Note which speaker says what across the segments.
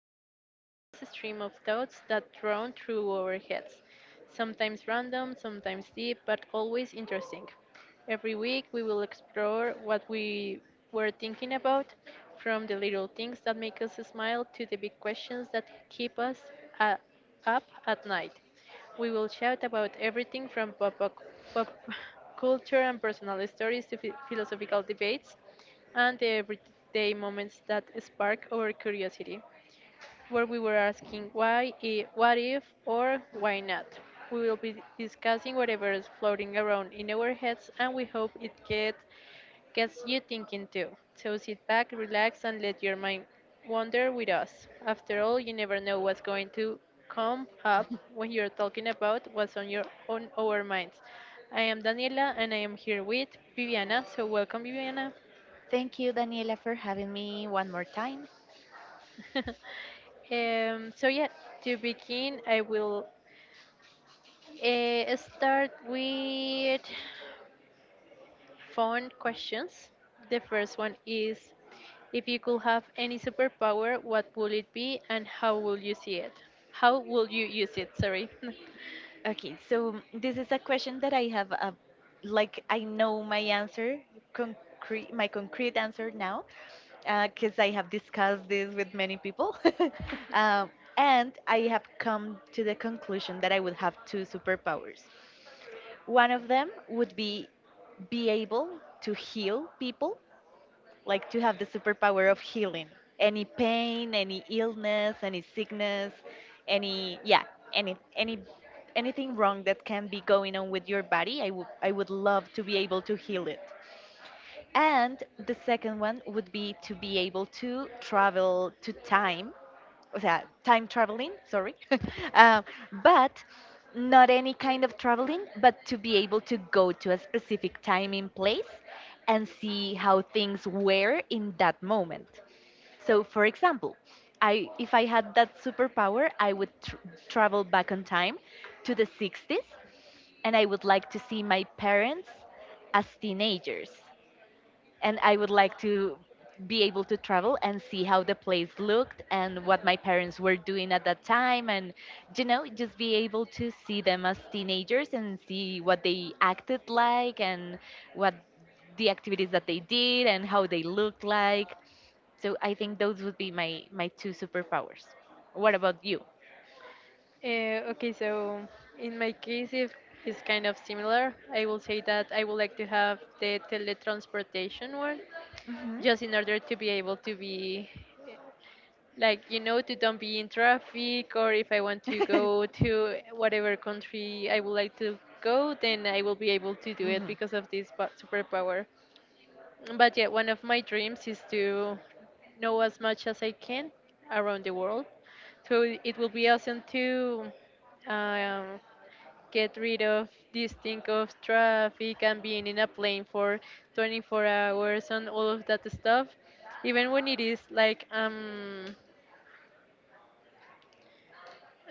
Speaker 1: into the endless stream of thoughts that drone through our heads. Sometimes random, sometimes deep, but always interesting. Every week we will explore what we were thinking about, from the little things that make us smile to the big questions that keep us uh, up at night. We will chat about everything from pop culture and personal stories to philosophical debates and the everyday moments that spark our curiosity, where we were asking why, what if, or why not. We will be discussing whatever is floating around in our heads, and we hope it gets you thinking too. So sit back, relax, and let your mind wander with us. After all, you never know what's going to come up when you're talking about what's on our minds. I am Daniela, and I am here with Viviana. So welcome, Viviana.
Speaker 2: Thank you, Daniela, for having me one more time.
Speaker 1: So yeah, to begin, I will start with fun questions. The first one is, if you could have any superpower, what would it be, and how would you see it? How would you use it? Sorry.
Speaker 2: Okay, so this is a question that I have, I know my answer, my concrete answer now, because I have discussed this with many people. um, and I have come to the conclusion that I would have two superpowers. One of them would be able to heal people, like to have the superpower of healing any pain, any illness, any sickness, any yeah, any anything wrong that can be going on with your body. I would love to be able to heal it. And the second one would be to be able to travel to time. O sea, time traveling, sorry. um, but not any kind of traveling, but to be able to go to a specific time and place and see how things were in that moment. So, for example, I if I had that superpower, I would travel back on time to the 60s, and I would like to see my parents as teenagers, and I would like to be able to travel and see how the place looked and what my parents were doing at that time, and you know, just be able to see them as teenagers and see what they acted like, and what the activities that they did and how they looked like. So I think those would be my two superpowers. What about you?
Speaker 1: Okay, so in my case, if it's kind of similar, I will say that I would like to have the teletransportation one,
Speaker 2: Hmm.
Speaker 1: just in order to be able to be, like, you know, to don't be in traffic, or if I want to go to whatever country I would like to go, then I will be able to do it
Speaker 2: Hmm.
Speaker 1: because of this superpower. But yeah, one of my dreams is to know as much as I can around the world, so it will be awesome to um, get rid of this thing of traffic and being in a plane for 24 hours and all of that stuff, even when it is like um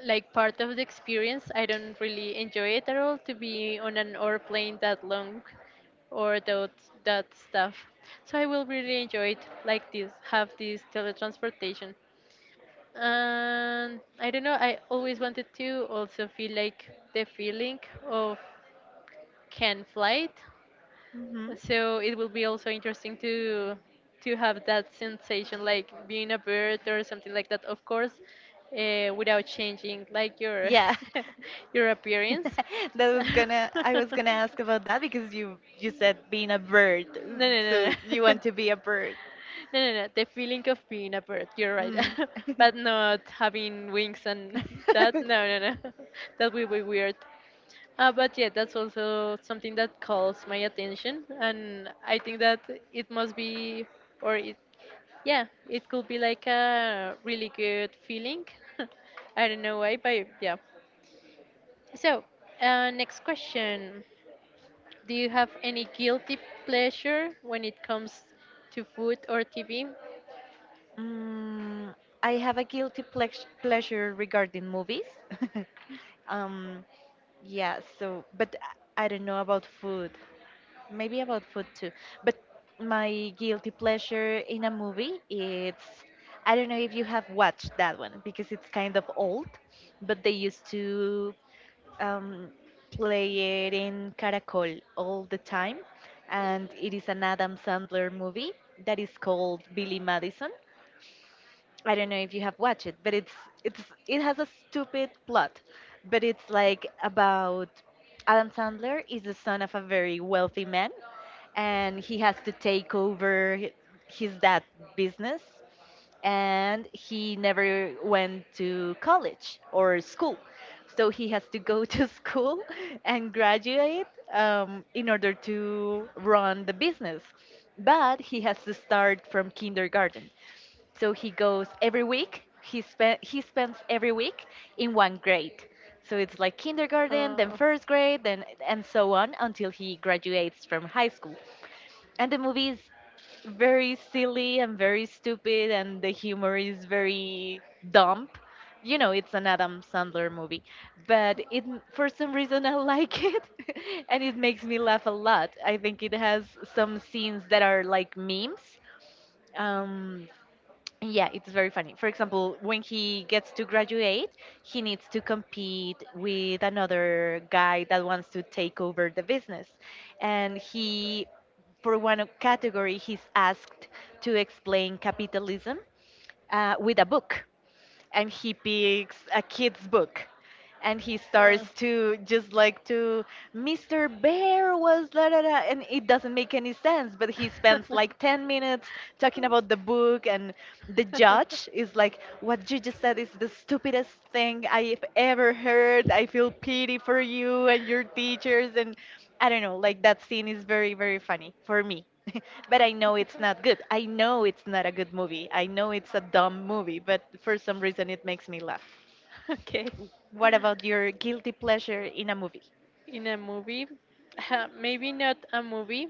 Speaker 1: like part of the experience. I don't really enjoy it at all to be on an airplane that long or that stuff. So I will really enjoy it, like this, have this teletransportation. And I don't know, I always wanted to also feel like the feeling of can flight,
Speaker 2: Hmm.
Speaker 1: so it will be also interesting to have that sensation, like being a bird or something like that. Of course, without changing like your
Speaker 2: Yeah.
Speaker 1: your appearance.
Speaker 2: that was gonna I
Speaker 1: no,
Speaker 2: was gonna ask about that because you said being a bird.
Speaker 1: no, no,
Speaker 2: So you
Speaker 1: no.
Speaker 2: want to be a bird.
Speaker 1: No, no, no. The feeling of being a bird. You're right,
Speaker 2: Mm.
Speaker 1: but not having wings and that. No, no, no. That would be weird. But yeah, that's also something that calls my attention, and I think that it must be, or it, yeah, it could be like a really good feeling. I don't know why, but yeah. So, next question: do you have any guilty pleasure when it comes to food or TV?
Speaker 2: Mm, I have a pleasure regarding movies. um, Yeah, so, but I don't know about food. Maybe about food too. But my guilty pleasure in a movie, it's, I don't know if you have watched that one because it's kind of old, but they used to um, play it in Caracol all the time. And it is an Adam Sandler movie that is called Billy Madison. I don't know if you have watched it, but it's it has a stupid plot, but it's like about Adam Sandler is the son of a very wealthy man, and he has to take over his dad business, and he never went to college or school, so he has to go to school and graduate in order to run the business, but he has to start from kindergarten. So he goes every week. He spends every week in one grade. So it's like kindergarten,
Speaker 1: Uh,
Speaker 2: then first grade, then and so on until he graduates from high school. And the movie is very silly and very stupid, and the humor is very dumb. You know, it's an Adam Sandler movie, but it, for some reason I like it, and it makes me laugh a lot. I think it has some scenes that are like memes. Um, yeah, it's very funny. For example, when he gets to graduate, he needs to compete with another guy that wants to take over the business. And he, for one category, he's asked to explain capitalism with a book, and he picks a kid's book, and he
Speaker 1: Uh,
Speaker 2: starts to just like to Mr. Bear was da da da, and it doesn't make any sense, but he spends like 10 minutes talking about the book, and the judge is like, what you just said is the stupidest thing I've ever heard, I feel pity for you and your teachers. And I don't know, like that scene is very, very funny for me. But I know it's not good. I know it's not a good movie. I know it's a dumb movie, but for some reason it makes me laugh.
Speaker 1: okay.
Speaker 2: What about your guilty pleasure in a movie?
Speaker 1: In a movie, maybe not a movie,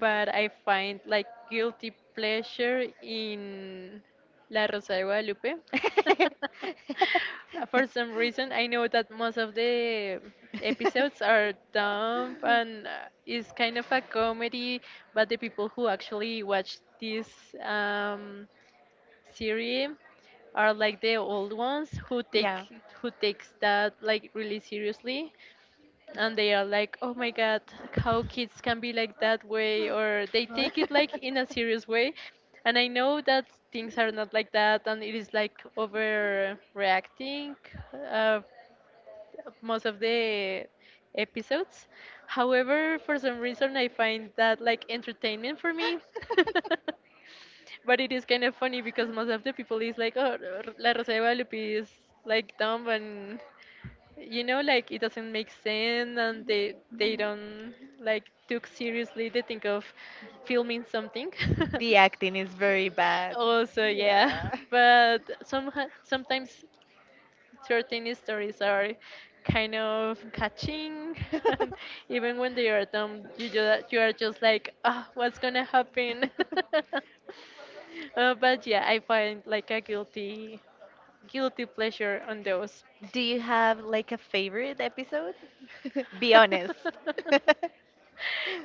Speaker 1: but I find like guilty pleasure in La Rosa de Guadalupe. For some reason, I know that most of the episodes are dumb and it's kind of a comedy, but the people who actually watch this um, series are like the old ones who
Speaker 2: Yeah.
Speaker 1: take who takes that like really seriously, and they are like, oh my god, how kids can be like that way, or they take it like in a serious way. And I know that things are not like that and it is like overreacting uh, most of the episodes. However, for some reason I find that like entertainment for me. But it is kind of funny because most of the people is like, oh, la rosa de guadalupe is like dumb and, you know, like it doesn't make sense and they don't like took seriously the thing of filming something.
Speaker 2: The acting is very bad.
Speaker 1: Also, yeah. But sometimes certain stories are kind of catching, and even when they are dumb you just, you are just like, ah, what's gonna happen. But yeah, I find like a guilty pleasure on
Speaker 2: Yeah.
Speaker 1: those.
Speaker 2: Do you have like a favorite episode? Be honest.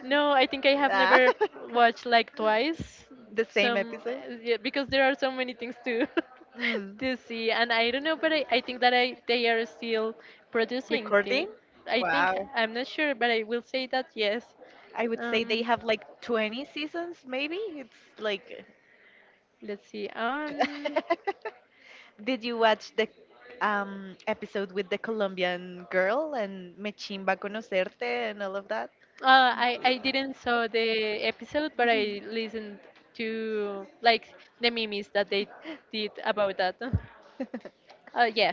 Speaker 1: No, I think I have
Speaker 2: Ah.
Speaker 1: never watched like twice.
Speaker 2: The same
Speaker 1: Some
Speaker 2: episode?
Speaker 1: yeah, because there are so many things to
Speaker 2: Mm,
Speaker 1: to see, and I don't know, but I think that I they are still producing. The,
Speaker 2: recording?
Speaker 1: I think
Speaker 2: Wow.
Speaker 1: I'm not sure, but I will say that yes.
Speaker 2: I would say they
Speaker 1: Um,
Speaker 2: have like 20 seasons, maybe? It's like.
Speaker 1: let's see.
Speaker 2: Did you watch the episode with the Colombian girl and Me Chimba Conocerte and all of that?
Speaker 1: I didn't saw the episode, but
Speaker 2: Yeah.
Speaker 1: I listened to like the memes that they did about that. Yeah,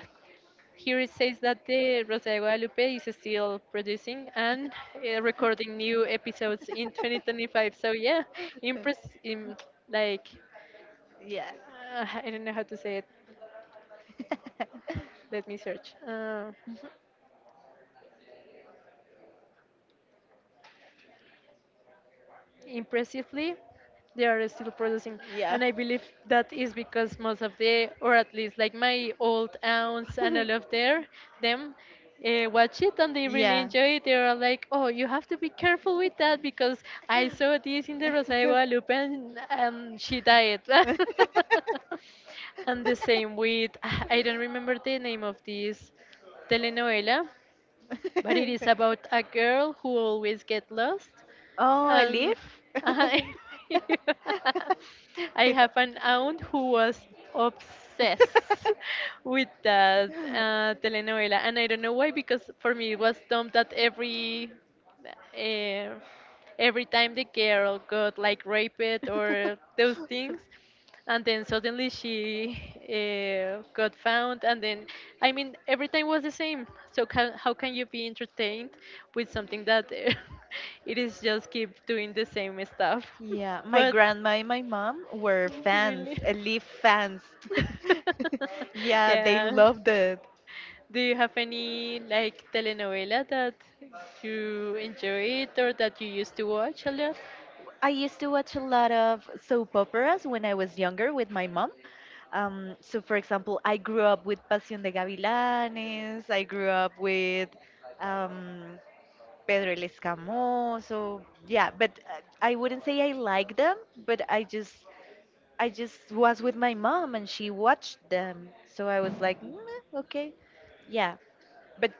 Speaker 1: here it says that the Rosa de Guadalupe is still producing and recording new episodes in 2025. So yeah,
Speaker 2: Mhm.
Speaker 1: impress, in, like
Speaker 2: Yeah.
Speaker 1: uh, I don't know how to say it. Let me search. Impressively, they are still producing, and I believe that is because most of the, or at least like my old aunts and all of their them watch it and they really enjoy it. They are like, oh, you have to be careful with that because I saw this in the rosario guadalupe and she died. And the same with, I don't remember the name of this telenovela, but it is about a girl who always get lost.
Speaker 2: Oh, a
Speaker 1: And
Speaker 2: leaf?
Speaker 1: I, I have an aunt who was obsessed with that telenovela, and I don't know why. Because for me, it was dumb that uh, every time the girl got like raped or those things, and then suddenly she got found, and then I mean every time was the same, so how can you be entertained with something that it is just keep doing the same stuff.
Speaker 2: Yeah, my
Speaker 1: But
Speaker 2: grandma and my mom were fans,
Speaker 1: really?
Speaker 2: Leaf fans. Yeah, they
Speaker 1: Yeah,
Speaker 2: loved it.
Speaker 1: do you have any like telenovela that you enjoyed or that you used to watch a lot?
Speaker 2: I used to watch a lot of soap operas when I was younger with my mom. For example, I grew up with Pasión de Gavilanes, I grew up with um, Pedro el Escamoso. So, yeah, but I wouldn't say I like them, but I just was with my mom and she watched them. So I was like, "Mm, eh, okay, yeah," but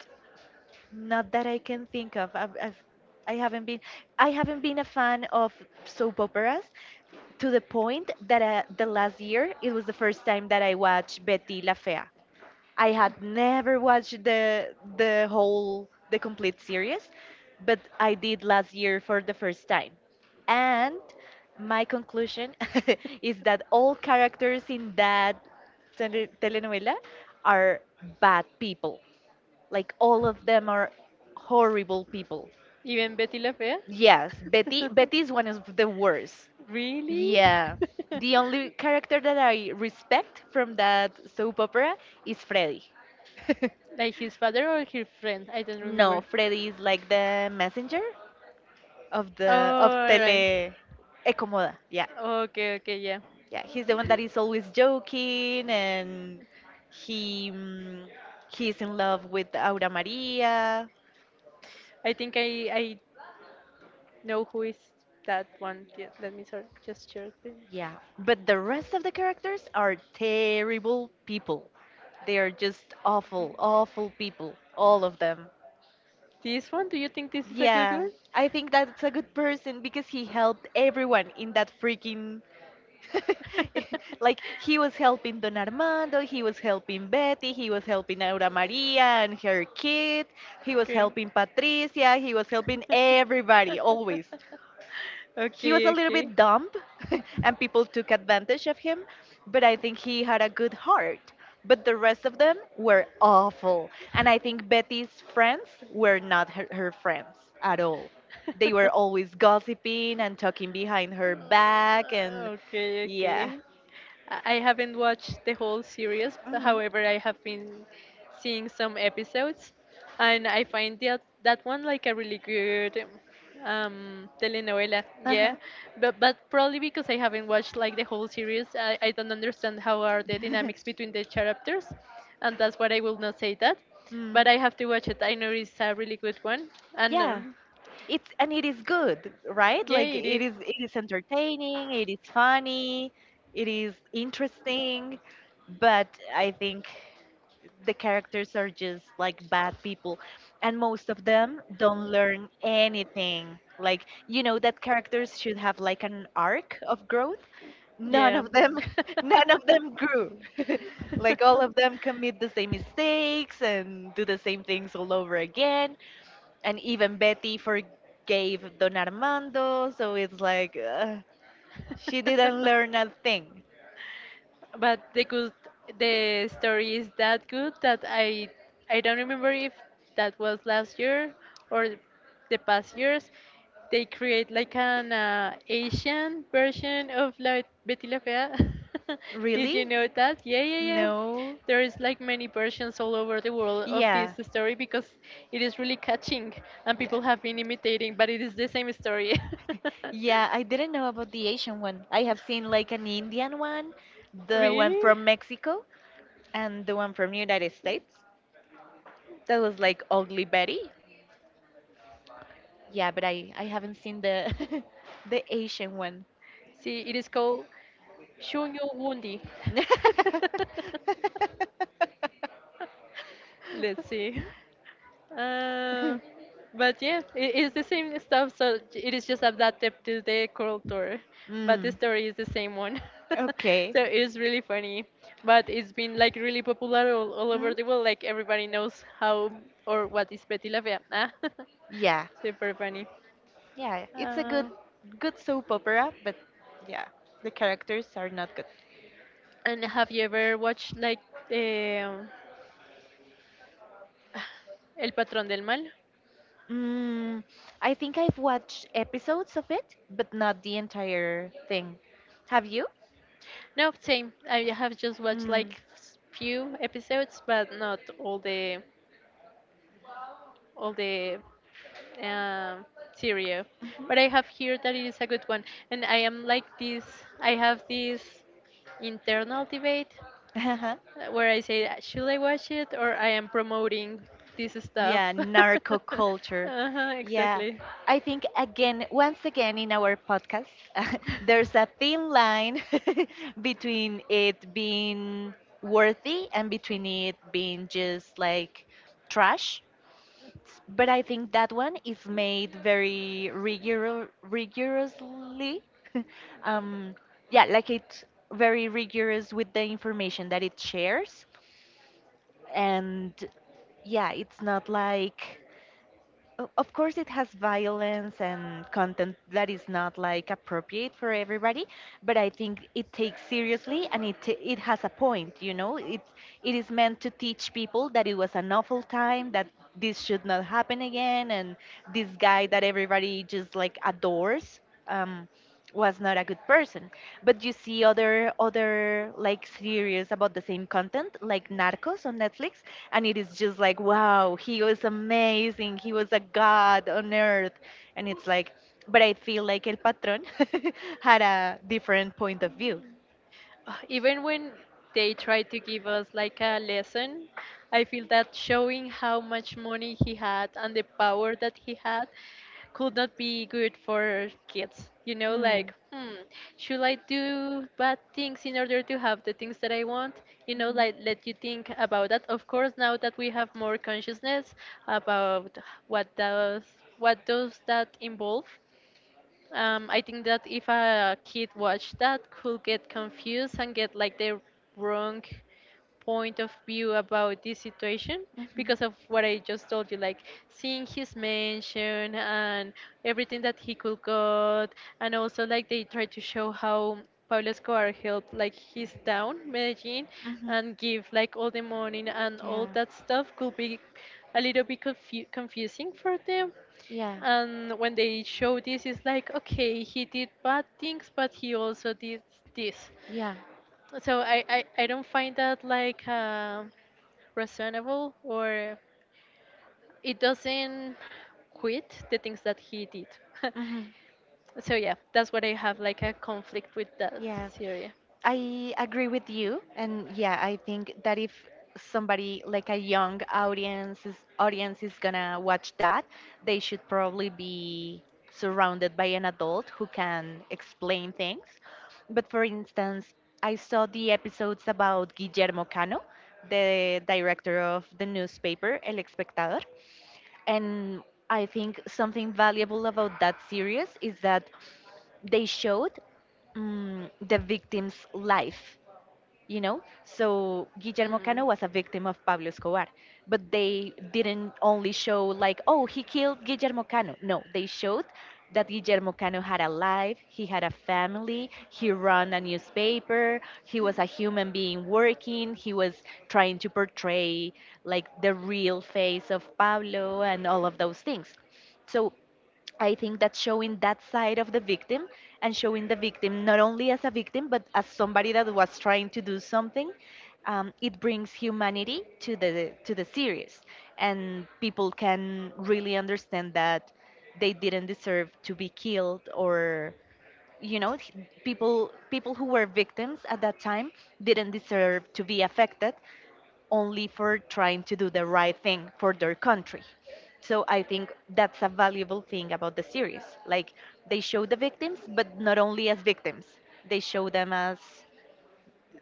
Speaker 2: not that I can think of. I haven't been I haven't been a fan of soap operas to the point that the last year it was the first time that I watched Betty La Fea. I had never watched the complete series, but I did last year for the first time. And my conclusion is that all characters in that telenovela are bad people. Like all of them are horrible people.
Speaker 1: Even Betty la Fea?
Speaker 2: Yes, Betty is one of the worst.
Speaker 1: Really?
Speaker 2: Yeah. The only character that I respect from that soap opera is Freddy.
Speaker 1: Like his father or his friend? I don't, no,
Speaker 2: No,
Speaker 1: remember.
Speaker 2: Freddy is like the messenger
Speaker 1: Oh,
Speaker 2: of
Speaker 1: all right.
Speaker 2: Tele Ecomoda. Yeah.
Speaker 1: Okay, okay, yeah.
Speaker 2: Yeah, he's the one that is always joking and he mm, he's in love with Aura Maria.
Speaker 1: I think I know who is that one. Yeah, let me sort just share it then.
Speaker 2: Yeah, but the rest of the characters are terrible people. They are just awful, awful people, all of them.
Speaker 1: This one? Do you think this is a good
Speaker 2: Yeah,
Speaker 1: one?
Speaker 2: I think that's a good person because he helped everyone in that freaking. Like, he was helping Don Armando, he was helping Betty, he was helping Aura Maria and her kid, he was
Speaker 1: Okay.
Speaker 2: helping Patricia, he was
Speaker 1: Okay,
Speaker 2: helping everybody, always. He was a little
Speaker 1: okay.
Speaker 2: bit dumb and people took advantage of him, but I think he had a good heart. But the rest of them were awful. And I think Betty's friends were not her friends at all. They were always gossiping and talking behind her back. And
Speaker 1: Okay,
Speaker 2: yeah.
Speaker 1: okay. I haven't watched the whole series, but
Speaker 2: Hmm.
Speaker 1: however, I have been seeing some episodes, and I find that that one like a really good telenovela.
Speaker 2: Uh huh.
Speaker 1: Yeah, but probably because I haven't watched like the whole series, I don't understand how are the dynamics between the characters, and that's what I will not say that.
Speaker 2: Mm.
Speaker 1: But I have to watch it. I know it's a really good one, and
Speaker 2: Yeah, it's, and it is good, right?
Speaker 1: yeah,
Speaker 2: Like
Speaker 1: it is.
Speaker 2: it is, it is entertaining, it is funny, it is interesting, but I think the characters are just like bad people, and most of them don't learn anything. Like you know that characters should have like an arc of growth. None
Speaker 1: Yeah.
Speaker 2: of them none of them grew. Like all of them commit the same mistakes and do the same things all over again, and even Betty forgave Don Armando, so it's like, she didn't learn a thing.
Speaker 1: But the good, the story is that good that I don't remember if that was last year or the past years. They create like an asian version of like Betty la Fea. Did
Speaker 2: Really?
Speaker 1: you know that? Yeah, yeah, yeah,
Speaker 2: No.
Speaker 1: there is like many versions all over the world of
Speaker 2: Yeah,
Speaker 1: this story because it is really catching, and
Speaker 2: yeah,
Speaker 1: people have been imitating, but it is the same story.
Speaker 2: yeah, I didn't know about the Asian one. I have seen like an Indian one, the one
Speaker 1: Really?
Speaker 2: from Mexico, and the one from United States. That was like Ugly Betty. Yeah, but I haven't seen the the Asian one.
Speaker 1: See, it is called Shunyo Wundi. Let's see. Uh, but yeah, it is the same stuff. So it is just adapted to the culture, but the
Speaker 2: Mm,
Speaker 1: story is the same one.
Speaker 2: okay.
Speaker 1: So it's really funny. But it's been like really popular all over
Speaker 2: Hmm?
Speaker 1: the world. Like everybody knows how or what is Betty la Fea. Ah.
Speaker 2: Yeah,
Speaker 1: Super funny.
Speaker 2: yeah. It's a
Speaker 1: Uh,
Speaker 2: good, good soap opera, but yeah, the characters are not good.
Speaker 1: and have you ever watched like um El Patrón del Mal?
Speaker 2: Mm, I think I've watched episodes of it, but not the entire thing. Have you?
Speaker 1: No, same. I have just watched
Speaker 2: Mm.
Speaker 1: like few episodes, but not all the um, series. But I have heard that it is a good one, and I am like this. I have this internal debate
Speaker 2: Mhm. Uh-huh.
Speaker 1: where I say, should I watch it, or I am promoting this stuff?"
Speaker 2: Yeah, narco culture.
Speaker 1: Uh-huh,
Speaker 2: Yeah,
Speaker 1: exactly.
Speaker 2: I think again, once again in our podcast, there's a thin line between it being worthy and between it being just like trash. But I think that one is made very rigorously. um, yeah, like it's very rigorous with the information that it shares, and yeah, it's not like, of course it has violence and content that is not like appropriate for everybody, but I think it takes seriously and it has a point, you know, it is meant to teach people that it was an awful time, that this should not happen again, and this guy that everybody just like adores, um was not a good person. But you see other like series about the same content, like Narcos on Netflix, and it is just like, wow, he was amazing. He was a god on earth. And it's like, but I feel like El Patron had a different point of view.
Speaker 1: Uh, even when they try to give us like a lesson, I feel that showing how much money he had and the power that he had could not be good for kids. You know,
Speaker 2: Hmm.
Speaker 1: like, hmm, should I do bad things in order to have the things that I want? You know, like, let you think about that. Of course, now that we have more consciousness about what does what does that involve, I think that if a kid watched that, could get confused and get like the wrong point of view about this situation
Speaker 2: Mhm.
Speaker 1: because of what I just told you, like seeing his mansion and everything that he could got. And also like they try to show how Pablo Escobar helped like his town, Medellin,
Speaker 2: Mhm.
Speaker 1: and give like all the money and
Speaker 2: Yeah.
Speaker 1: all that stuff could be a little bit confusing for them.
Speaker 2: Yeah.
Speaker 1: And when they show this it's like okay he did bad things but he also did this,
Speaker 2: Yeah.
Speaker 1: so I don't find that like reasonable, or it doesn't quit the things that he did.
Speaker 2: Mhm.
Speaker 1: so yeah, that's what I have, like, a conflict with that
Speaker 2: Yeah.
Speaker 1: series.
Speaker 2: I agree with you, and yeah, I think that if somebody like a young audience is gonna watch that, they should probably be surrounded by an adult who can explain things. But for instance, I saw the episodes about Guillermo Cano, the director of the newspaper El Espectador, and I think something valuable about that series is that they showed the victim's life. So Guillermo
Speaker 1: Mm,
Speaker 2: Cano was a victim of Pablo Escobar, but they didn't only show like, oh, he killed Guillermo Cano. No, they showed that Guillermo Cano had a life. He had a family. He ran a newspaper. He was a human being working. He was trying to portray like the real face of Pablo and all of those things. So I think that showing that side of the victim, and showing the victim not only as a victim but as somebody that was trying to do something, it brings humanity to the series, and people can really understand that they didn't deserve to be killed or you know th- people who were victims at that time didn't deserve to be affected only for trying to do the right thing for their country. So I think that's a valuable thing about the series. Like they show the victims, but not only as victims. They show them as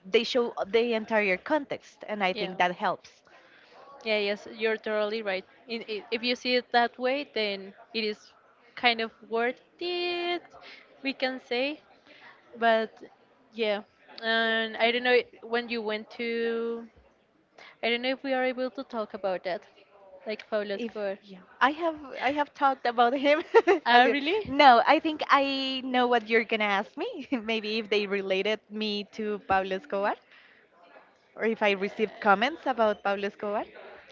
Speaker 2: they show the entire context, and I
Speaker 1: yeah.
Speaker 2: think that helps.
Speaker 1: Yeah, yes, you're totally right. In, I If you see it that way, then it is kind of worth it, we can say. But yeah, and I don't know when you went to. I don't know if we are able to talk about that, like Pablo
Speaker 2: If
Speaker 1: Escobar.
Speaker 2: Yeah, I have talked about him. a
Speaker 1: Ah,
Speaker 2: little.
Speaker 1: really?
Speaker 2: No, I think I know what you're gonna ask me. Maybe if they related me to Pablo Escobar. Or if I received comments about Pablo Escobar?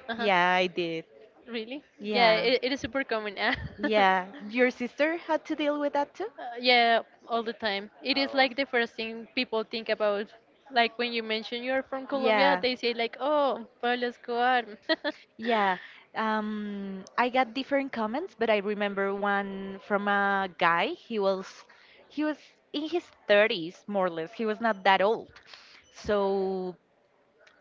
Speaker 1: Uh huh.
Speaker 2: Yeah, I did.
Speaker 1: Really? Yeah,
Speaker 2: Yeah.
Speaker 1: it is super common. Yeah.
Speaker 2: Yeah. Your sister had to deal with that too?
Speaker 1: Yeah, all the time. It is
Speaker 2: Oh.
Speaker 1: like the first thing people think about. Like when you mention you're from Colombia,
Speaker 2: Yeah.
Speaker 1: they say like, "Oh, Pablo Escobar."
Speaker 2: Yeah, I got different comments, but I remember one from a guy. He was he was in his 30s, more or less. He was not that old. So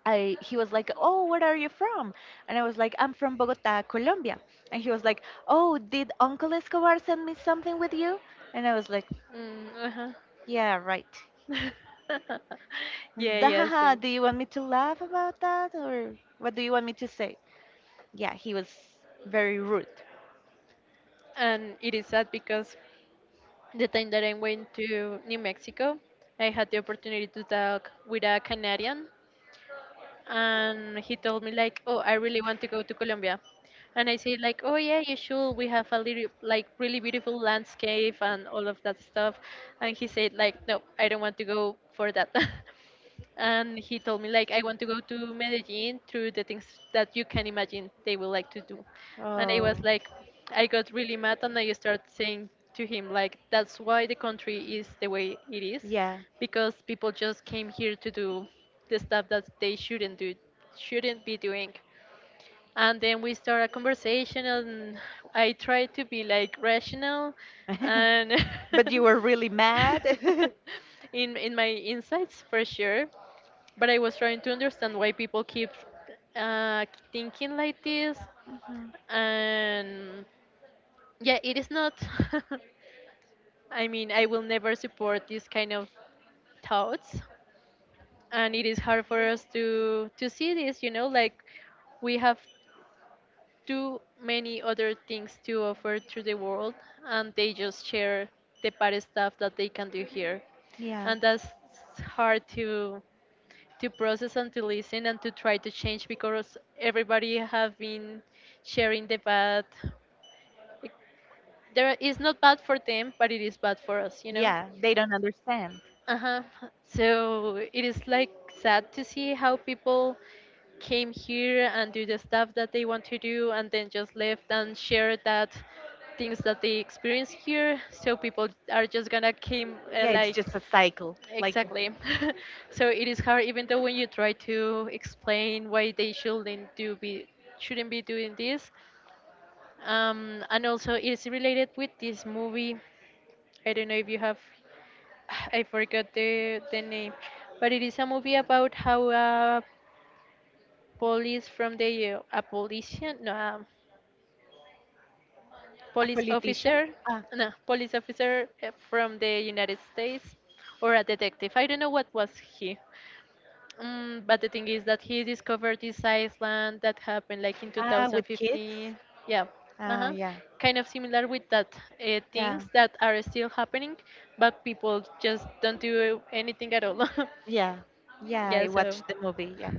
Speaker 2: I he was like, "Oh, where are you from?" And I was like, "I'm from Bogota, Colombia." And he was like, "Oh, did Uncle Escobar send me something with you?" And I was like,
Speaker 1: Mm, uh-huh.
Speaker 2: "Yeah, right." And,
Speaker 1: yeah, yeah,
Speaker 2: "Dahaha,
Speaker 1: same.
Speaker 2: do you want me to laugh about that or what do you want me to say?" Yeah, he was very rude.
Speaker 1: And it is sad because the time that I went to New Mexico, I had the opportunity to talk with a Canadian and he told me like, "Oh, I really want to go to Colombia." And I said like, "Oh yeah, you should. We have a little like really beautiful landscape and all of that stuff." And he said like, "No, I don't want to go for that." and he told me like I want to go to Medellin through the things that you can imagine they would like to do. And I was
Speaker 2: Oh.
Speaker 1: like, I got really mad and I started saying to him like that's why the country is the way it is
Speaker 2: Yeah.
Speaker 1: because people just came here to do the stuff that they shouldn't do, shouldn't be doing and then we start a conversation and I try to be like rational. And
Speaker 2: But you were really mad?
Speaker 1: in my insights for sure, but I was trying to understand why people keep uh, thinking like this.
Speaker 2: Mhm.
Speaker 1: And yeah, it is not, I mean, I will never support this kind of thoughts. And it is hard for us to see this, you know, like we have too many other things to offer to the world, and they just share the bad stuff that they can do here.
Speaker 2: Yeah.
Speaker 1: And that's hard to process and to listen and to try to change because everybody have been sharing the bad. There is not bad for them but it is bad for us, you know.
Speaker 2: Yeah, they don't understand.
Speaker 1: Uh-huh. So it is like sad to see how people came here and do the stuff that they want to do and then just left and share that things that they experience here, so people are just gonna came
Speaker 2: Yeah, it's
Speaker 1: like,
Speaker 2: just a cycle. Like
Speaker 1: exactly. so it is hard even though when you try to explain why they shouldn't be doing this. And also it's related with this movie. I don't know if you have, I forgot the name, but it is a movie about how a police from the a polician no
Speaker 2: a
Speaker 1: police
Speaker 2: politician.
Speaker 1: officer,
Speaker 2: Ah,
Speaker 1: no, police officer from the United States, or a detective. I don't know what was he. Mm, but the thing is that he discovered this island that happened like in
Speaker 2: ah, with kids.
Speaker 1: 2015. Yeah,
Speaker 2: Ah,
Speaker 1: uh-huh.
Speaker 2: yeah,
Speaker 1: Kind of similar with that
Speaker 2: yeah,
Speaker 1: things that are still happening, but people just don't do anything at all.
Speaker 2: yeah, yeah.
Speaker 1: yeah,
Speaker 2: I
Speaker 1: so
Speaker 2: watched the movie. Yeah,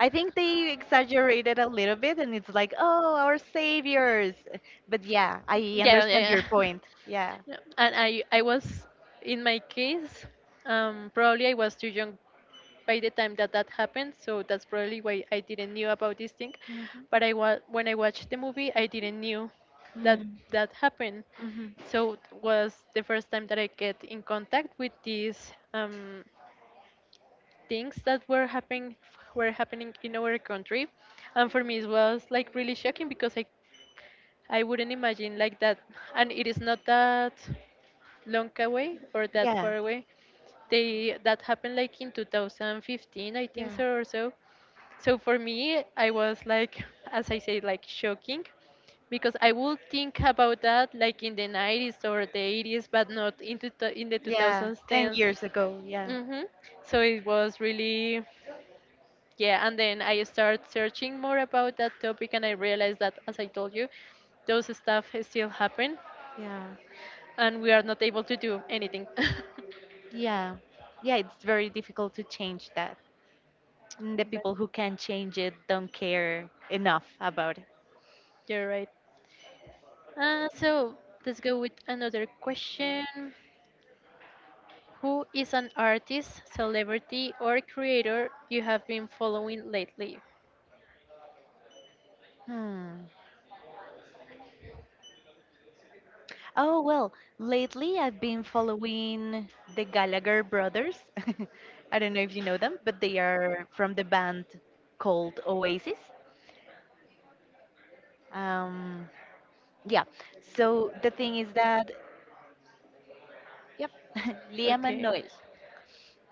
Speaker 2: I think they exaggerated a little bit, and it's like, oh, our saviors. But yeah, I
Speaker 1: yeah,
Speaker 2: understand
Speaker 1: yeah. Yeah.
Speaker 2: your point. Yeah.
Speaker 1: No, and I was, in my case, probably I was too young by the time that that happened. So that's probably why I didn't knew about this thing.
Speaker 2: Mm-hmm.
Speaker 1: But when I watched the movie, I didn't knew that that happened.
Speaker 2: Mm-hmm.
Speaker 1: So it was the first time that I get in contact with these things that were happening in our country, and for me it was like really shocking because I wouldn't imagine like that, and it is not that long away or that
Speaker 2: Yeah.
Speaker 1: far away. They that happened like in 2015, I think
Speaker 2: Yeah.
Speaker 1: so or so. So for me, I was like, as I say, like shocking, because I would think about that like in the 90s or the 80s, but not into in the
Speaker 2: Yeah. 10
Speaker 1: 2010s.
Speaker 2: years ago. Yeah.
Speaker 1: Mm-hmm. So it was really, yeah. And then I started searching more about that topic, and I realized that, as I told you, those stuff still happen,
Speaker 2: Yeah.
Speaker 1: and we are not able to do anything.
Speaker 2: Yeah. Yeah. It's very difficult to change that. And the
Speaker 1: but
Speaker 2: people who can change it don't care enough about it.
Speaker 1: you're right. So let's go with another question. Who is an artist, celebrity, or creator you have been following lately?
Speaker 2: Hmm. Oh, well, lately I've been following the Gallagher brothers. I don't know if you know them, but they are from the band called Oasis. Um, Yeah. So the thing is that, yep, Liam and
Speaker 1: Okay.
Speaker 2: Noel,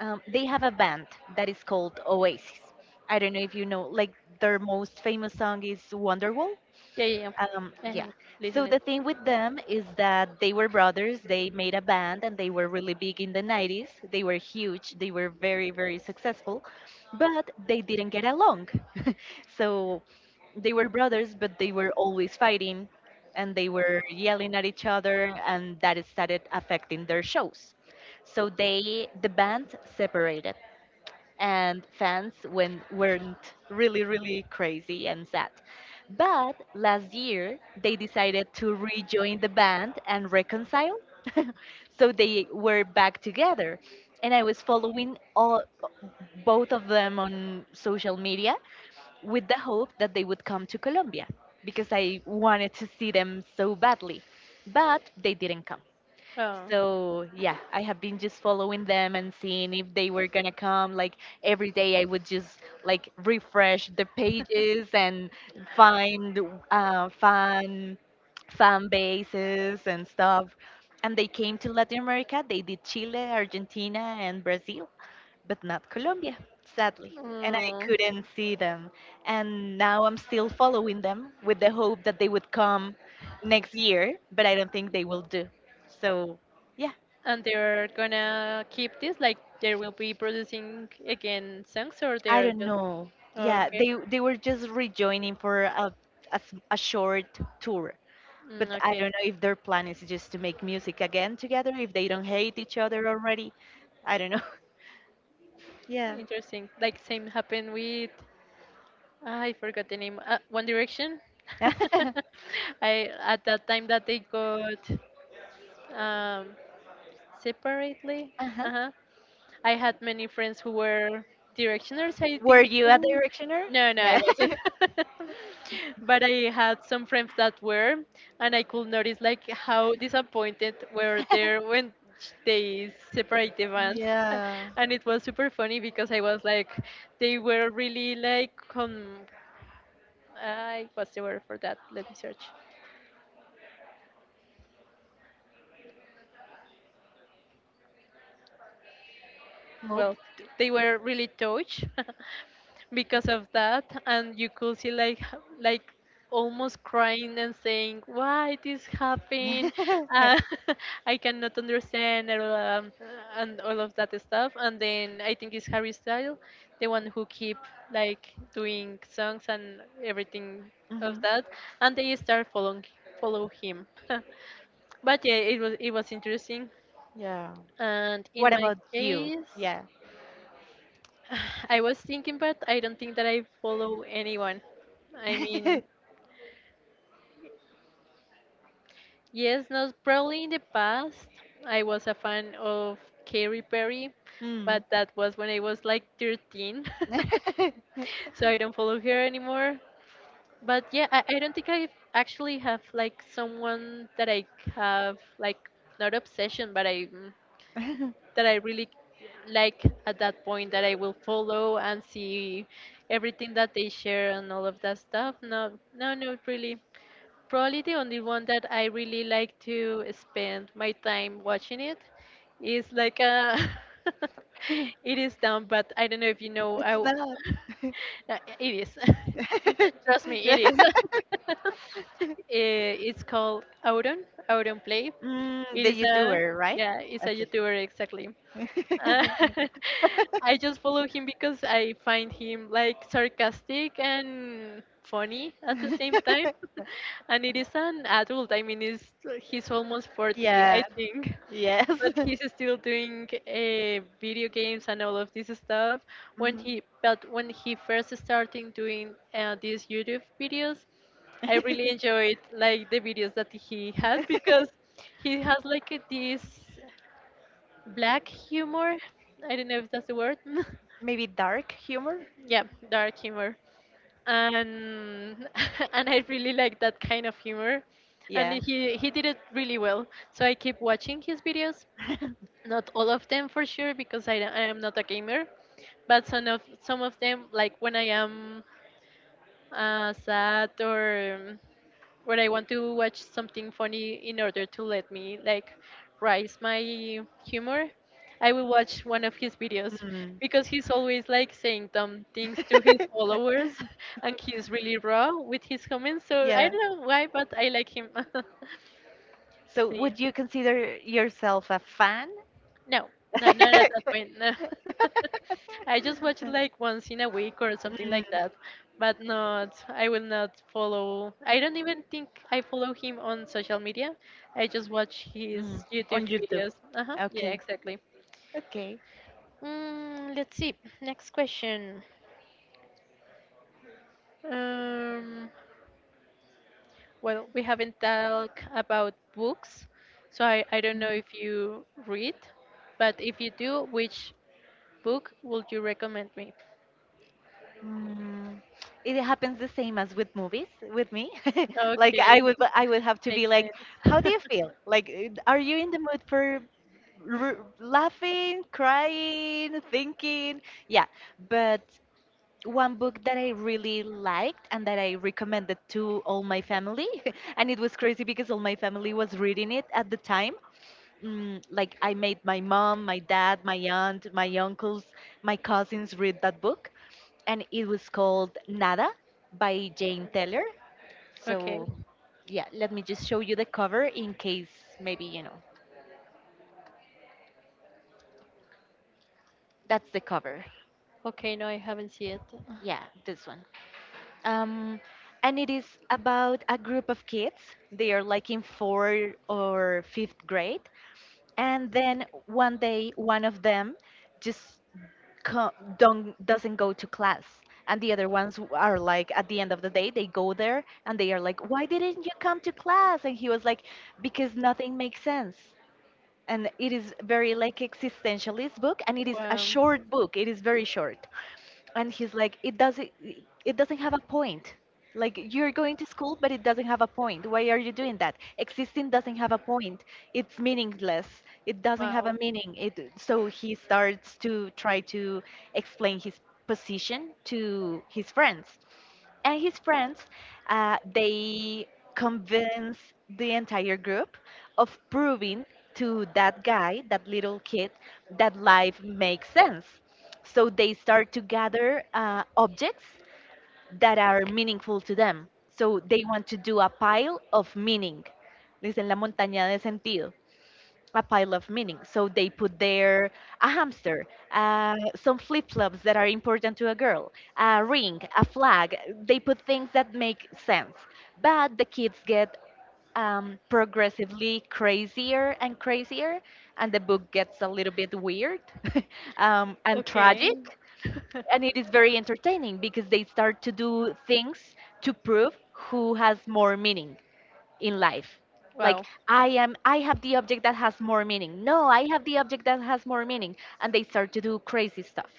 Speaker 2: they have a band that is called Oasis. I don't know if you know, like their most famous song is Wonderwall.
Speaker 1: Yeah, yeah, yeah. I
Speaker 2: Yeah.
Speaker 1: have
Speaker 2: So
Speaker 1: listened
Speaker 2: the
Speaker 1: it.
Speaker 2: thing with them is that they were brothers. They made a band and they were really big in the 90s. They were huge. They were very, very successful, but they didn't get along. So they were brothers, but they were always fighting and they were yelling at each other, and that started affecting their shows. So they, the band separated and fans when weren't really really crazy and sad. But last year they decided to rejoin the band and reconcile. So they were back together and I was following all both of them on social media with the hope that they would come to Colombia because I wanted to see them so badly. But they didn't come. So yeah, I have been just following them and seeing if they were gonna come. Like every day, I would just like refresh the pages and find uh, fan fan bases and stuff. And they came to Latin America. They did Chile, Argentina, and Brazil but not Colombia, sadly.
Speaker 1: Oh.
Speaker 2: And I
Speaker 1: Oh.
Speaker 2: couldn't see them. And now I'm still following them with the hope that they would come next year, but I don't think they will do. So, yeah,
Speaker 1: And they're gonna keep this like they will be producing again songs or
Speaker 2: I
Speaker 1: they're
Speaker 2: don't
Speaker 1: just,
Speaker 2: know. Yeah,
Speaker 1: okay.
Speaker 2: they were just rejoining for a short tour.
Speaker 1: Mm,
Speaker 2: But I
Speaker 1: okay.
Speaker 2: don't know if their plan is just to make music again together, if they don't hate each other already. I don't know. Yeah.
Speaker 1: Interesting, like same happened with, ah, I forgot the name, one direction.
Speaker 2: uh-huh.
Speaker 1: I at that time that they got um separately. Uh-huh. I had many friends who were directioners, I
Speaker 2: Were
Speaker 1: think.
Speaker 2: you a
Speaker 1: Mhm.
Speaker 2: directioner?
Speaker 1: No, no, I
Speaker 2: Yeah.
Speaker 1: wasn't. but I had some friends that were, and I could notice like how disappointed were they when they separate the band,
Speaker 2: Yeah.
Speaker 1: and it was super funny because I was like, they were really like, I what's the word for that? Let me search.
Speaker 2: Nope.
Speaker 1: Well they were really touched because of that and you could see like like almost crying and saying why this happened, uh, I cannot understand. And and all of that stuff, and then I think it's Harry Styles, the one who keep like doing songs and everything of
Speaker 2: Mhm.
Speaker 1: that, and they start following, follow him. but yeah, it was interesting.
Speaker 2: Yeah.
Speaker 1: And in
Speaker 2: What
Speaker 1: my
Speaker 2: about you?
Speaker 1: case,
Speaker 2: Yeah.
Speaker 1: I was thinking, but I don't think that I follow anyone. I mean, yes, no, probably in the past I was a fan of Katy Perry,
Speaker 2: Mm.
Speaker 1: but that was when I was like 13. so I don't follow her anymore. But yeah, I don't think I actually have like someone that I have like not obsession, but I, mm, that I really like at that point that I will follow and see everything that they share and all of that stuff. No, no, no, really. Probably the only one that I really like to spend my time watching it is like a. it is dumb, but I don't know if you know.
Speaker 2: It's not.
Speaker 1: Uh, it is. Trust me, it is. It's called Auron, Auron Play.
Speaker 2: Mm,
Speaker 1: It is
Speaker 2: the
Speaker 1: a,
Speaker 2: YouTuber, right?
Speaker 1: yeah, it's a
Speaker 2: Okay.
Speaker 1: YouTuber exactly. Uh, I just follow him because I find him like sarcastic and funny at the same time. And it is an adult. I mean, he's almost 40, yeah.
Speaker 2: yeah.
Speaker 1: I think.
Speaker 2: Yes.
Speaker 1: But he's still doing video games and all of this stuff. When
Speaker 2: Mhm.
Speaker 1: he but when he first started doing these YouTube videos, I really enjoyed like the videos that he had because he has like this black humor. I don't know if that's the word.
Speaker 2: Maybe dark humor?
Speaker 1: yeah, dark humor. And and I really like that kind of humor. And
Speaker 2: Yeah.
Speaker 1: he did it really well. So I keep watching his videos. Not all of them for sure because I am not a gamer, but some of them like when I am sad, or where I want to watch something funny in order to let me like rise my humor, I will watch one of his videos
Speaker 2: Mm.
Speaker 1: because he's always like saying dumb things to his followers and he's really raw with his comments. So I
Speaker 2: Yeah.
Speaker 1: don't know why, but I like him.
Speaker 2: So,
Speaker 1: See,
Speaker 2: would you consider yourself a fan?
Speaker 1: no, no, not at that point. No. I just watch it like once in a week or something
Speaker 2: Mm,
Speaker 1: like that, but not. I will not follow. I don't even think I follow him on social media. I just watch his
Speaker 2: mm,
Speaker 1: YouTube
Speaker 2: on YouTube.
Speaker 1: videos. Uh huh. Yeah,
Speaker 2: Okay.
Speaker 1: exactly.
Speaker 2: Okay.
Speaker 1: Mm, let's see. Next question. Um, well, we haven't talked about books, so I don't know if you read, but if you do, which book would you recommend me?
Speaker 2: Mm. It happens the same as with movies with me. Like
Speaker 1: Okay,
Speaker 2: I would have to be
Speaker 1: makes
Speaker 2: like,
Speaker 1: sense.
Speaker 2: how do you feel? Like are you in the mood for laughing, crying, thinking. Yeah, but one book that I really liked and that I recommended to all my family, and it was crazy because all my family was reading it at the time. Mm, like I made my mom, my dad, my aunt, my uncles, my cousins read that book, and it was called Nada by Jane Taylor.
Speaker 1: Okay.
Speaker 2: So, yeah, let me just show you the cover in case maybe you know. That's the cover.
Speaker 1: Okay, no, I haven't seen it.
Speaker 2: Yeah, this one. um, and it is about a group of kids. They are like in fourth or fifth grade, and then one day one of them just co- don't doesn't go to class, and the other ones are like at the end of the day they go there and they are like, why didn't you come to class? And he was like, because nothing makes sense. And it is very like existentialist book, and it is a
Speaker 1: Wow.
Speaker 2: short book. It is very short and he's like it doesn't have a point. Like you're going to school, but it doesn't have a point. Why are you doing that? Existing doesn't have a point. It's meaningless. It doesn't have a
Speaker 1: Wow.
Speaker 2: meaning, it, so he starts to try to explain his position to his friends, and his friends they convince the entire group of proving to that guy, that little kid, that life makes sense. So they start to gather objects that are meaningful to them. So they want to do a pile of meaning, dicen la montaña de sentido, a pile of meaning. So they put there a hamster, some flip flops that are important to a girl, a ring, a flag. They put things that make sense. But the kids get progressively crazier and crazier, and the book gets a little bit weird and
Speaker 1: Okay.
Speaker 2: tragic. And it is very entertaining because they start to do things to prove who has more meaning in life. Like
Speaker 1: Wow.
Speaker 2: I have the object that has more meaning. No, I have the object that has more meaning. And they start to do crazy stuff.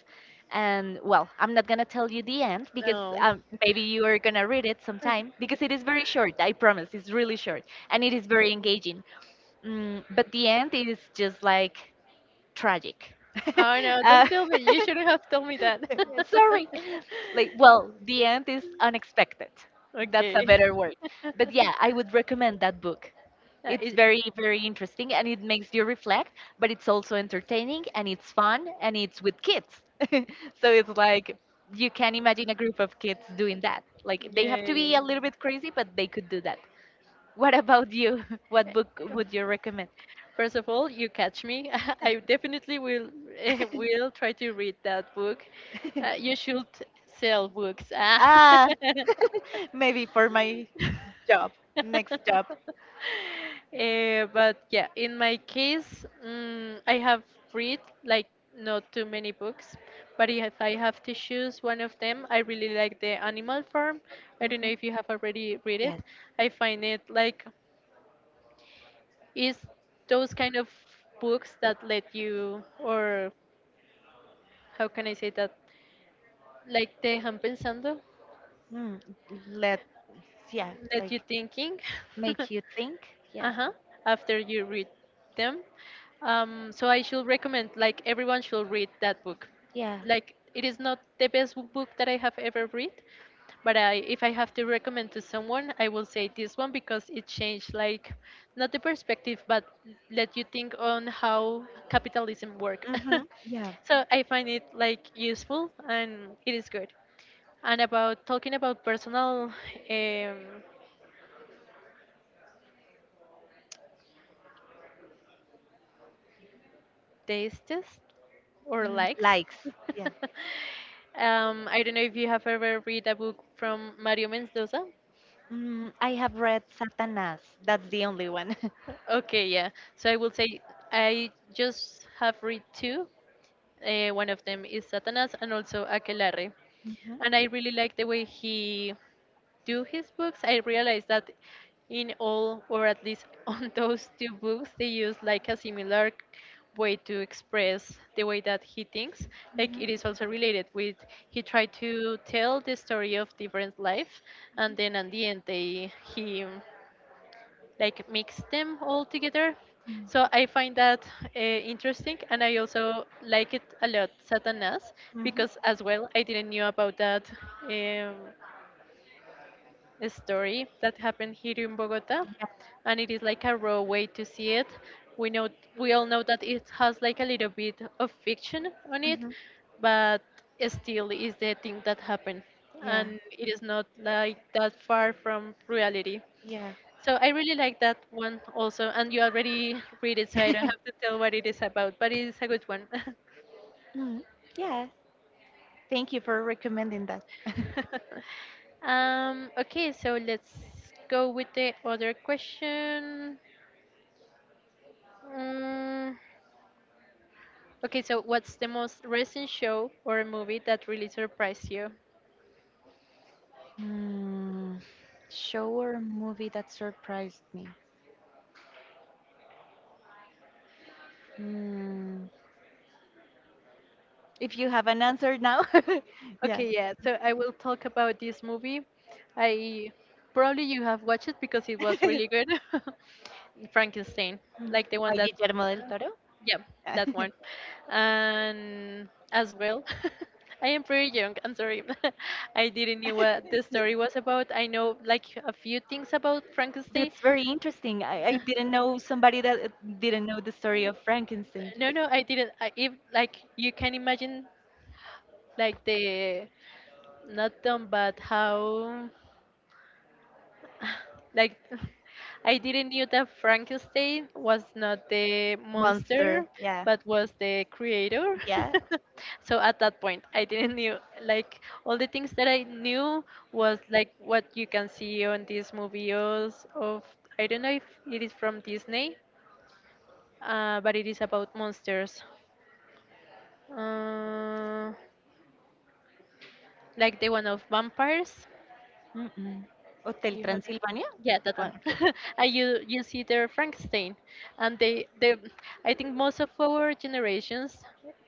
Speaker 2: And well, I'm not going to tell you the end because
Speaker 1: No.
Speaker 2: maybe you are going to read it sometime, because it is very short, I promise it's really short. And it is very engaging, but the end is just like tragic.
Speaker 1: Oh no, don't
Speaker 2: uh,
Speaker 1: tell me. You shouldn't have told me that.
Speaker 2: Sorry. Like well, the end is unexpected, that's
Speaker 1: okay.
Speaker 2: a better word. But yeah, I would recommend that book. It's
Speaker 1: It-
Speaker 2: very, very interesting and it makes you reflect, but it's also entertaining and it's fun and it's with kids. So it's like you can imagine a group of kids doing that. Like they have
Speaker 1: yeah,
Speaker 2: to
Speaker 1: yeah.
Speaker 2: be
Speaker 1: Yeah.
Speaker 2: a little bit crazy, but they could do that. What about you? What book would you recommend?
Speaker 1: First of all, you catch me. I definitely will, eh, will try to read that book. You should sell books. Ah.
Speaker 2: Ah, maybe for my job, next job.
Speaker 1: Eh, but yeah, in my case, mm, I have read like not too many books, but if I have to choose one of them, I really like The Animal Farm. I don't
Speaker 2: Hmm.
Speaker 1: know if you have already read it.
Speaker 2: Yes.
Speaker 1: I find it like is those kind of books that let you, or how can I say that, like te dejan pensando,
Speaker 2: Mm, let, yeah,
Speaker 1: let
Speaker 2: like
Speaker 1: you thinking.
Speaker 2: make you think. Yeah,
Speaker 1: uh-huh, after you read them. So I should recommend like everyone should read that book.
Speaker 2: yeah.
Speaker 1: Like it is not the best book that I have ever read, but if I have to recommend to someone, I will say this one because it changed, like, not the perspective, but let you think on how capitalism work.
Speaker 2: Hmm. Yeah.
Speaker 1: so I find it like useful, and it is good. And about talking about personal um, tastes or
Speaker 2: Mm,
Speaker 1: likes.
Speaker 2: likes. Yeah.
Speaker 1: I don't know if you have ever read a book from Mario Mendoza.
Speaker 2: Mm, I have read Satanas. That's the only one.
Speaker 1: Okay, yeah. So I will say I just have read two. One of them is Satanas and also Aquelarre. And I really like the way he do his books. I realized that in all, or at least on those two books, they use like a similar way to express the way that he thinks. Like
Speaker 2: Mhm,
Speaker 1: it is also related with he tried to tell the story of different life, and then at the end they he like mix them all together. So I find that interesting, and I also like it a lot, Satanas,
Speaker 2: mhm, mm. Mhm.
Speaker 1: because as well I didn't knew about that um, story that happened here in Bogota,
Speaker 2: Yeah.
Speaker 1: and it is like a raw way to see it. We know we all know that it has like a little bit of fiction on it,
Speaker 2: Mhm.
Speaker 1: but still is the thing that happened,
Speaker 2: Yeah.
Speaker 1: and it is not like that far from reality.
Speaker 2: Yeah.
Speaker 1: So I really like that one also, and you already read it, so I don't have to tell what it is about, but it's a good one.
Speaker 2: Mhm. Yeah. Thank you for recommending that.
Speaker 1: Okay, so let's go with the other question. Mm, okay, so what's the most recent show or movie that really surprised you?
Speaker 2: Hmm, show or movie that surprised me. Hmm, if you have an answer now, yeah.
Speaker 1: Okay, yeah. So I will talk about this movie. I probably you have watched it because it was
Speaker 2: Hmm.
Speaker 1: really good. Frankenstein, like the one
Speaker 2: By
Speaker 1: that,
Speaker 2: Guillermo del Toro.
Speaker 1: yeah, that one. And as well, I am pretty young. I'm sorry, I didn't know what the story was about. I know like a few things about Frankenstein.
Speaker 2: That's very interesting. I didn't know somebody that didn't know the story of Frankenstein.
Speaker 1: No, no, I didn't. I, if like you can imagine, like the not done, but how, like, I didn't knew that Frankenstein was not the
Speaker 2: Monster.
Speaker 1: monster,
Speaker 2: Yeah.
Speaker 1: but was the creator.
Speaker 2: Yeah.
Speaker 1: So at that point, I didn't knew like all the things that I knew was like what you can see on these movies of I don't know if it is from Disney, but it is about monsters, uh, like the one of vampires.
Speaker 2: Mm-mm. Hotel
Speaker 1: You have
Speaker 2: Transylvania.
Speaker 1: yeah, that
Speaker 2: Ah,
Speaker 1: one.
Speaker 2: okay.
Speaker 1: I you see their Frankenstein, and they I think most of our generations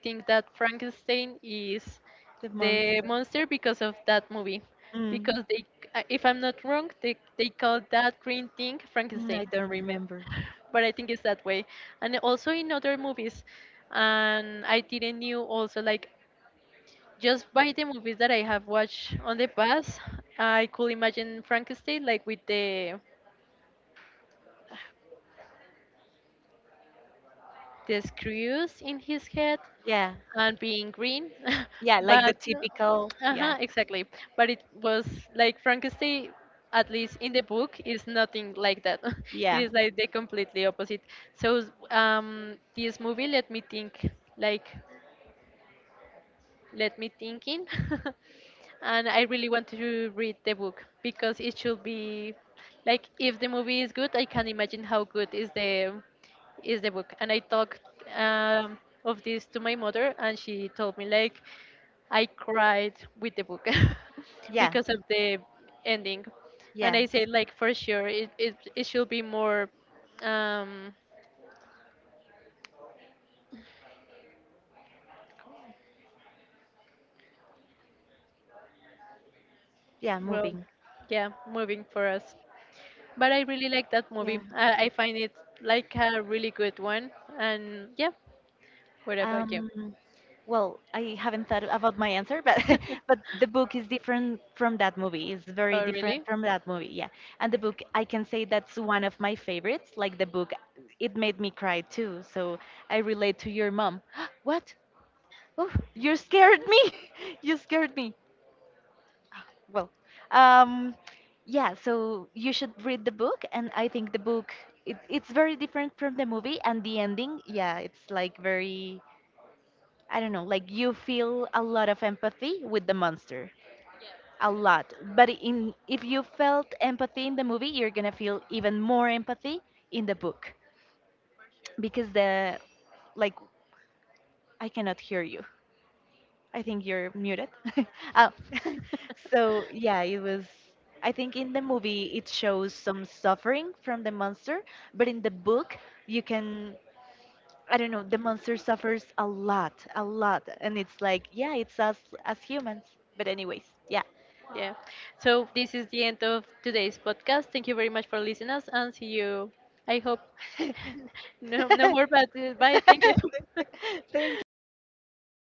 Speaker 1: think that Frankenstein is
Speaker 2: The
Speaker 1: the
Speaker 2: monster.
Speaker 1: monster because of that movie,
Speaker 2: Mm.
Speaker 1: because they if I'm not wrong they call that green thing
Speaker 2: Mm, I
Speaker 1: Frankenstein,
Speaker 2: don't remember.
Speaker 1: but I think it's that way, and also in other movies, and I didn't knew also like just by the movies that I have watched on the past, I could imagine Frankenstein like with the screws in his head
Speaker 2: Yeah,
Speaker 1: and being green,
Speaker 2: yeah, like the
Speaker 1: but
Speaker 2: typical. Yeah,
Speaker 1: uh-huh, exactly, but it was like Frankenstein at least in the book is nothing like that. It
Speaker 2: yeah,
Speaker 1: is like the completely opposite. So this movie, let me think, like let me thinking and I really want to read the book because it should be like if the movie is good I can imagine how good is the book. And I talked um, of this to my mother and she told me like I cried with the book
Speaker 2: yeah,
Speaker 1: because of the ending. And
Speaker 2: yeah,
Speaker 1: I said like for sure it should be more, um,
Speaker 2: yeah,
Speaker 1: well,
Speaker 2: moving.
Speaker 1: yeah, moving for us. But I really like that movie.
Speaker 2: Yeah.
Speaker 1: I find it like a really good one. And yeah, what about you?
Speaker 2: Um, well, I haven't thought about my answer, but but the book is different from that movie. It's very
Speaker 1: Oh,
Speaker 2: different
Speaker 1: really?
Speaker 2: from that movie. Yeah, and the book I can say that's one of my favorites. Like the book, it made me cry too. So I relate to your mom. What? Oh, you scared me. you scared me. Well, um, yeah, so you should read the book, and I think the book it's very different from the movie, and the ending, yeah, it's like very I don't know, like you feel a lot of empathy with the monster, a lot. But in if you felt empathy in the movie, you're gonna feel even more empathy in the book because the like I cannot hear you. I think you're muted. Oh. So yeah, it was I think in the movie it shows some suffering from the monster, but in the book you can, I don't know, the monster suffers a lot, a lot. And it's like, yeah, it's us as humans. But anyways, yeah.
Speaker 1: Yeah. So this is the end of today's podcast. Thank you very much for listening us and see you. I hope no no more bad. Bye. Thank you.
Speaker 2: Thank you, Daniel.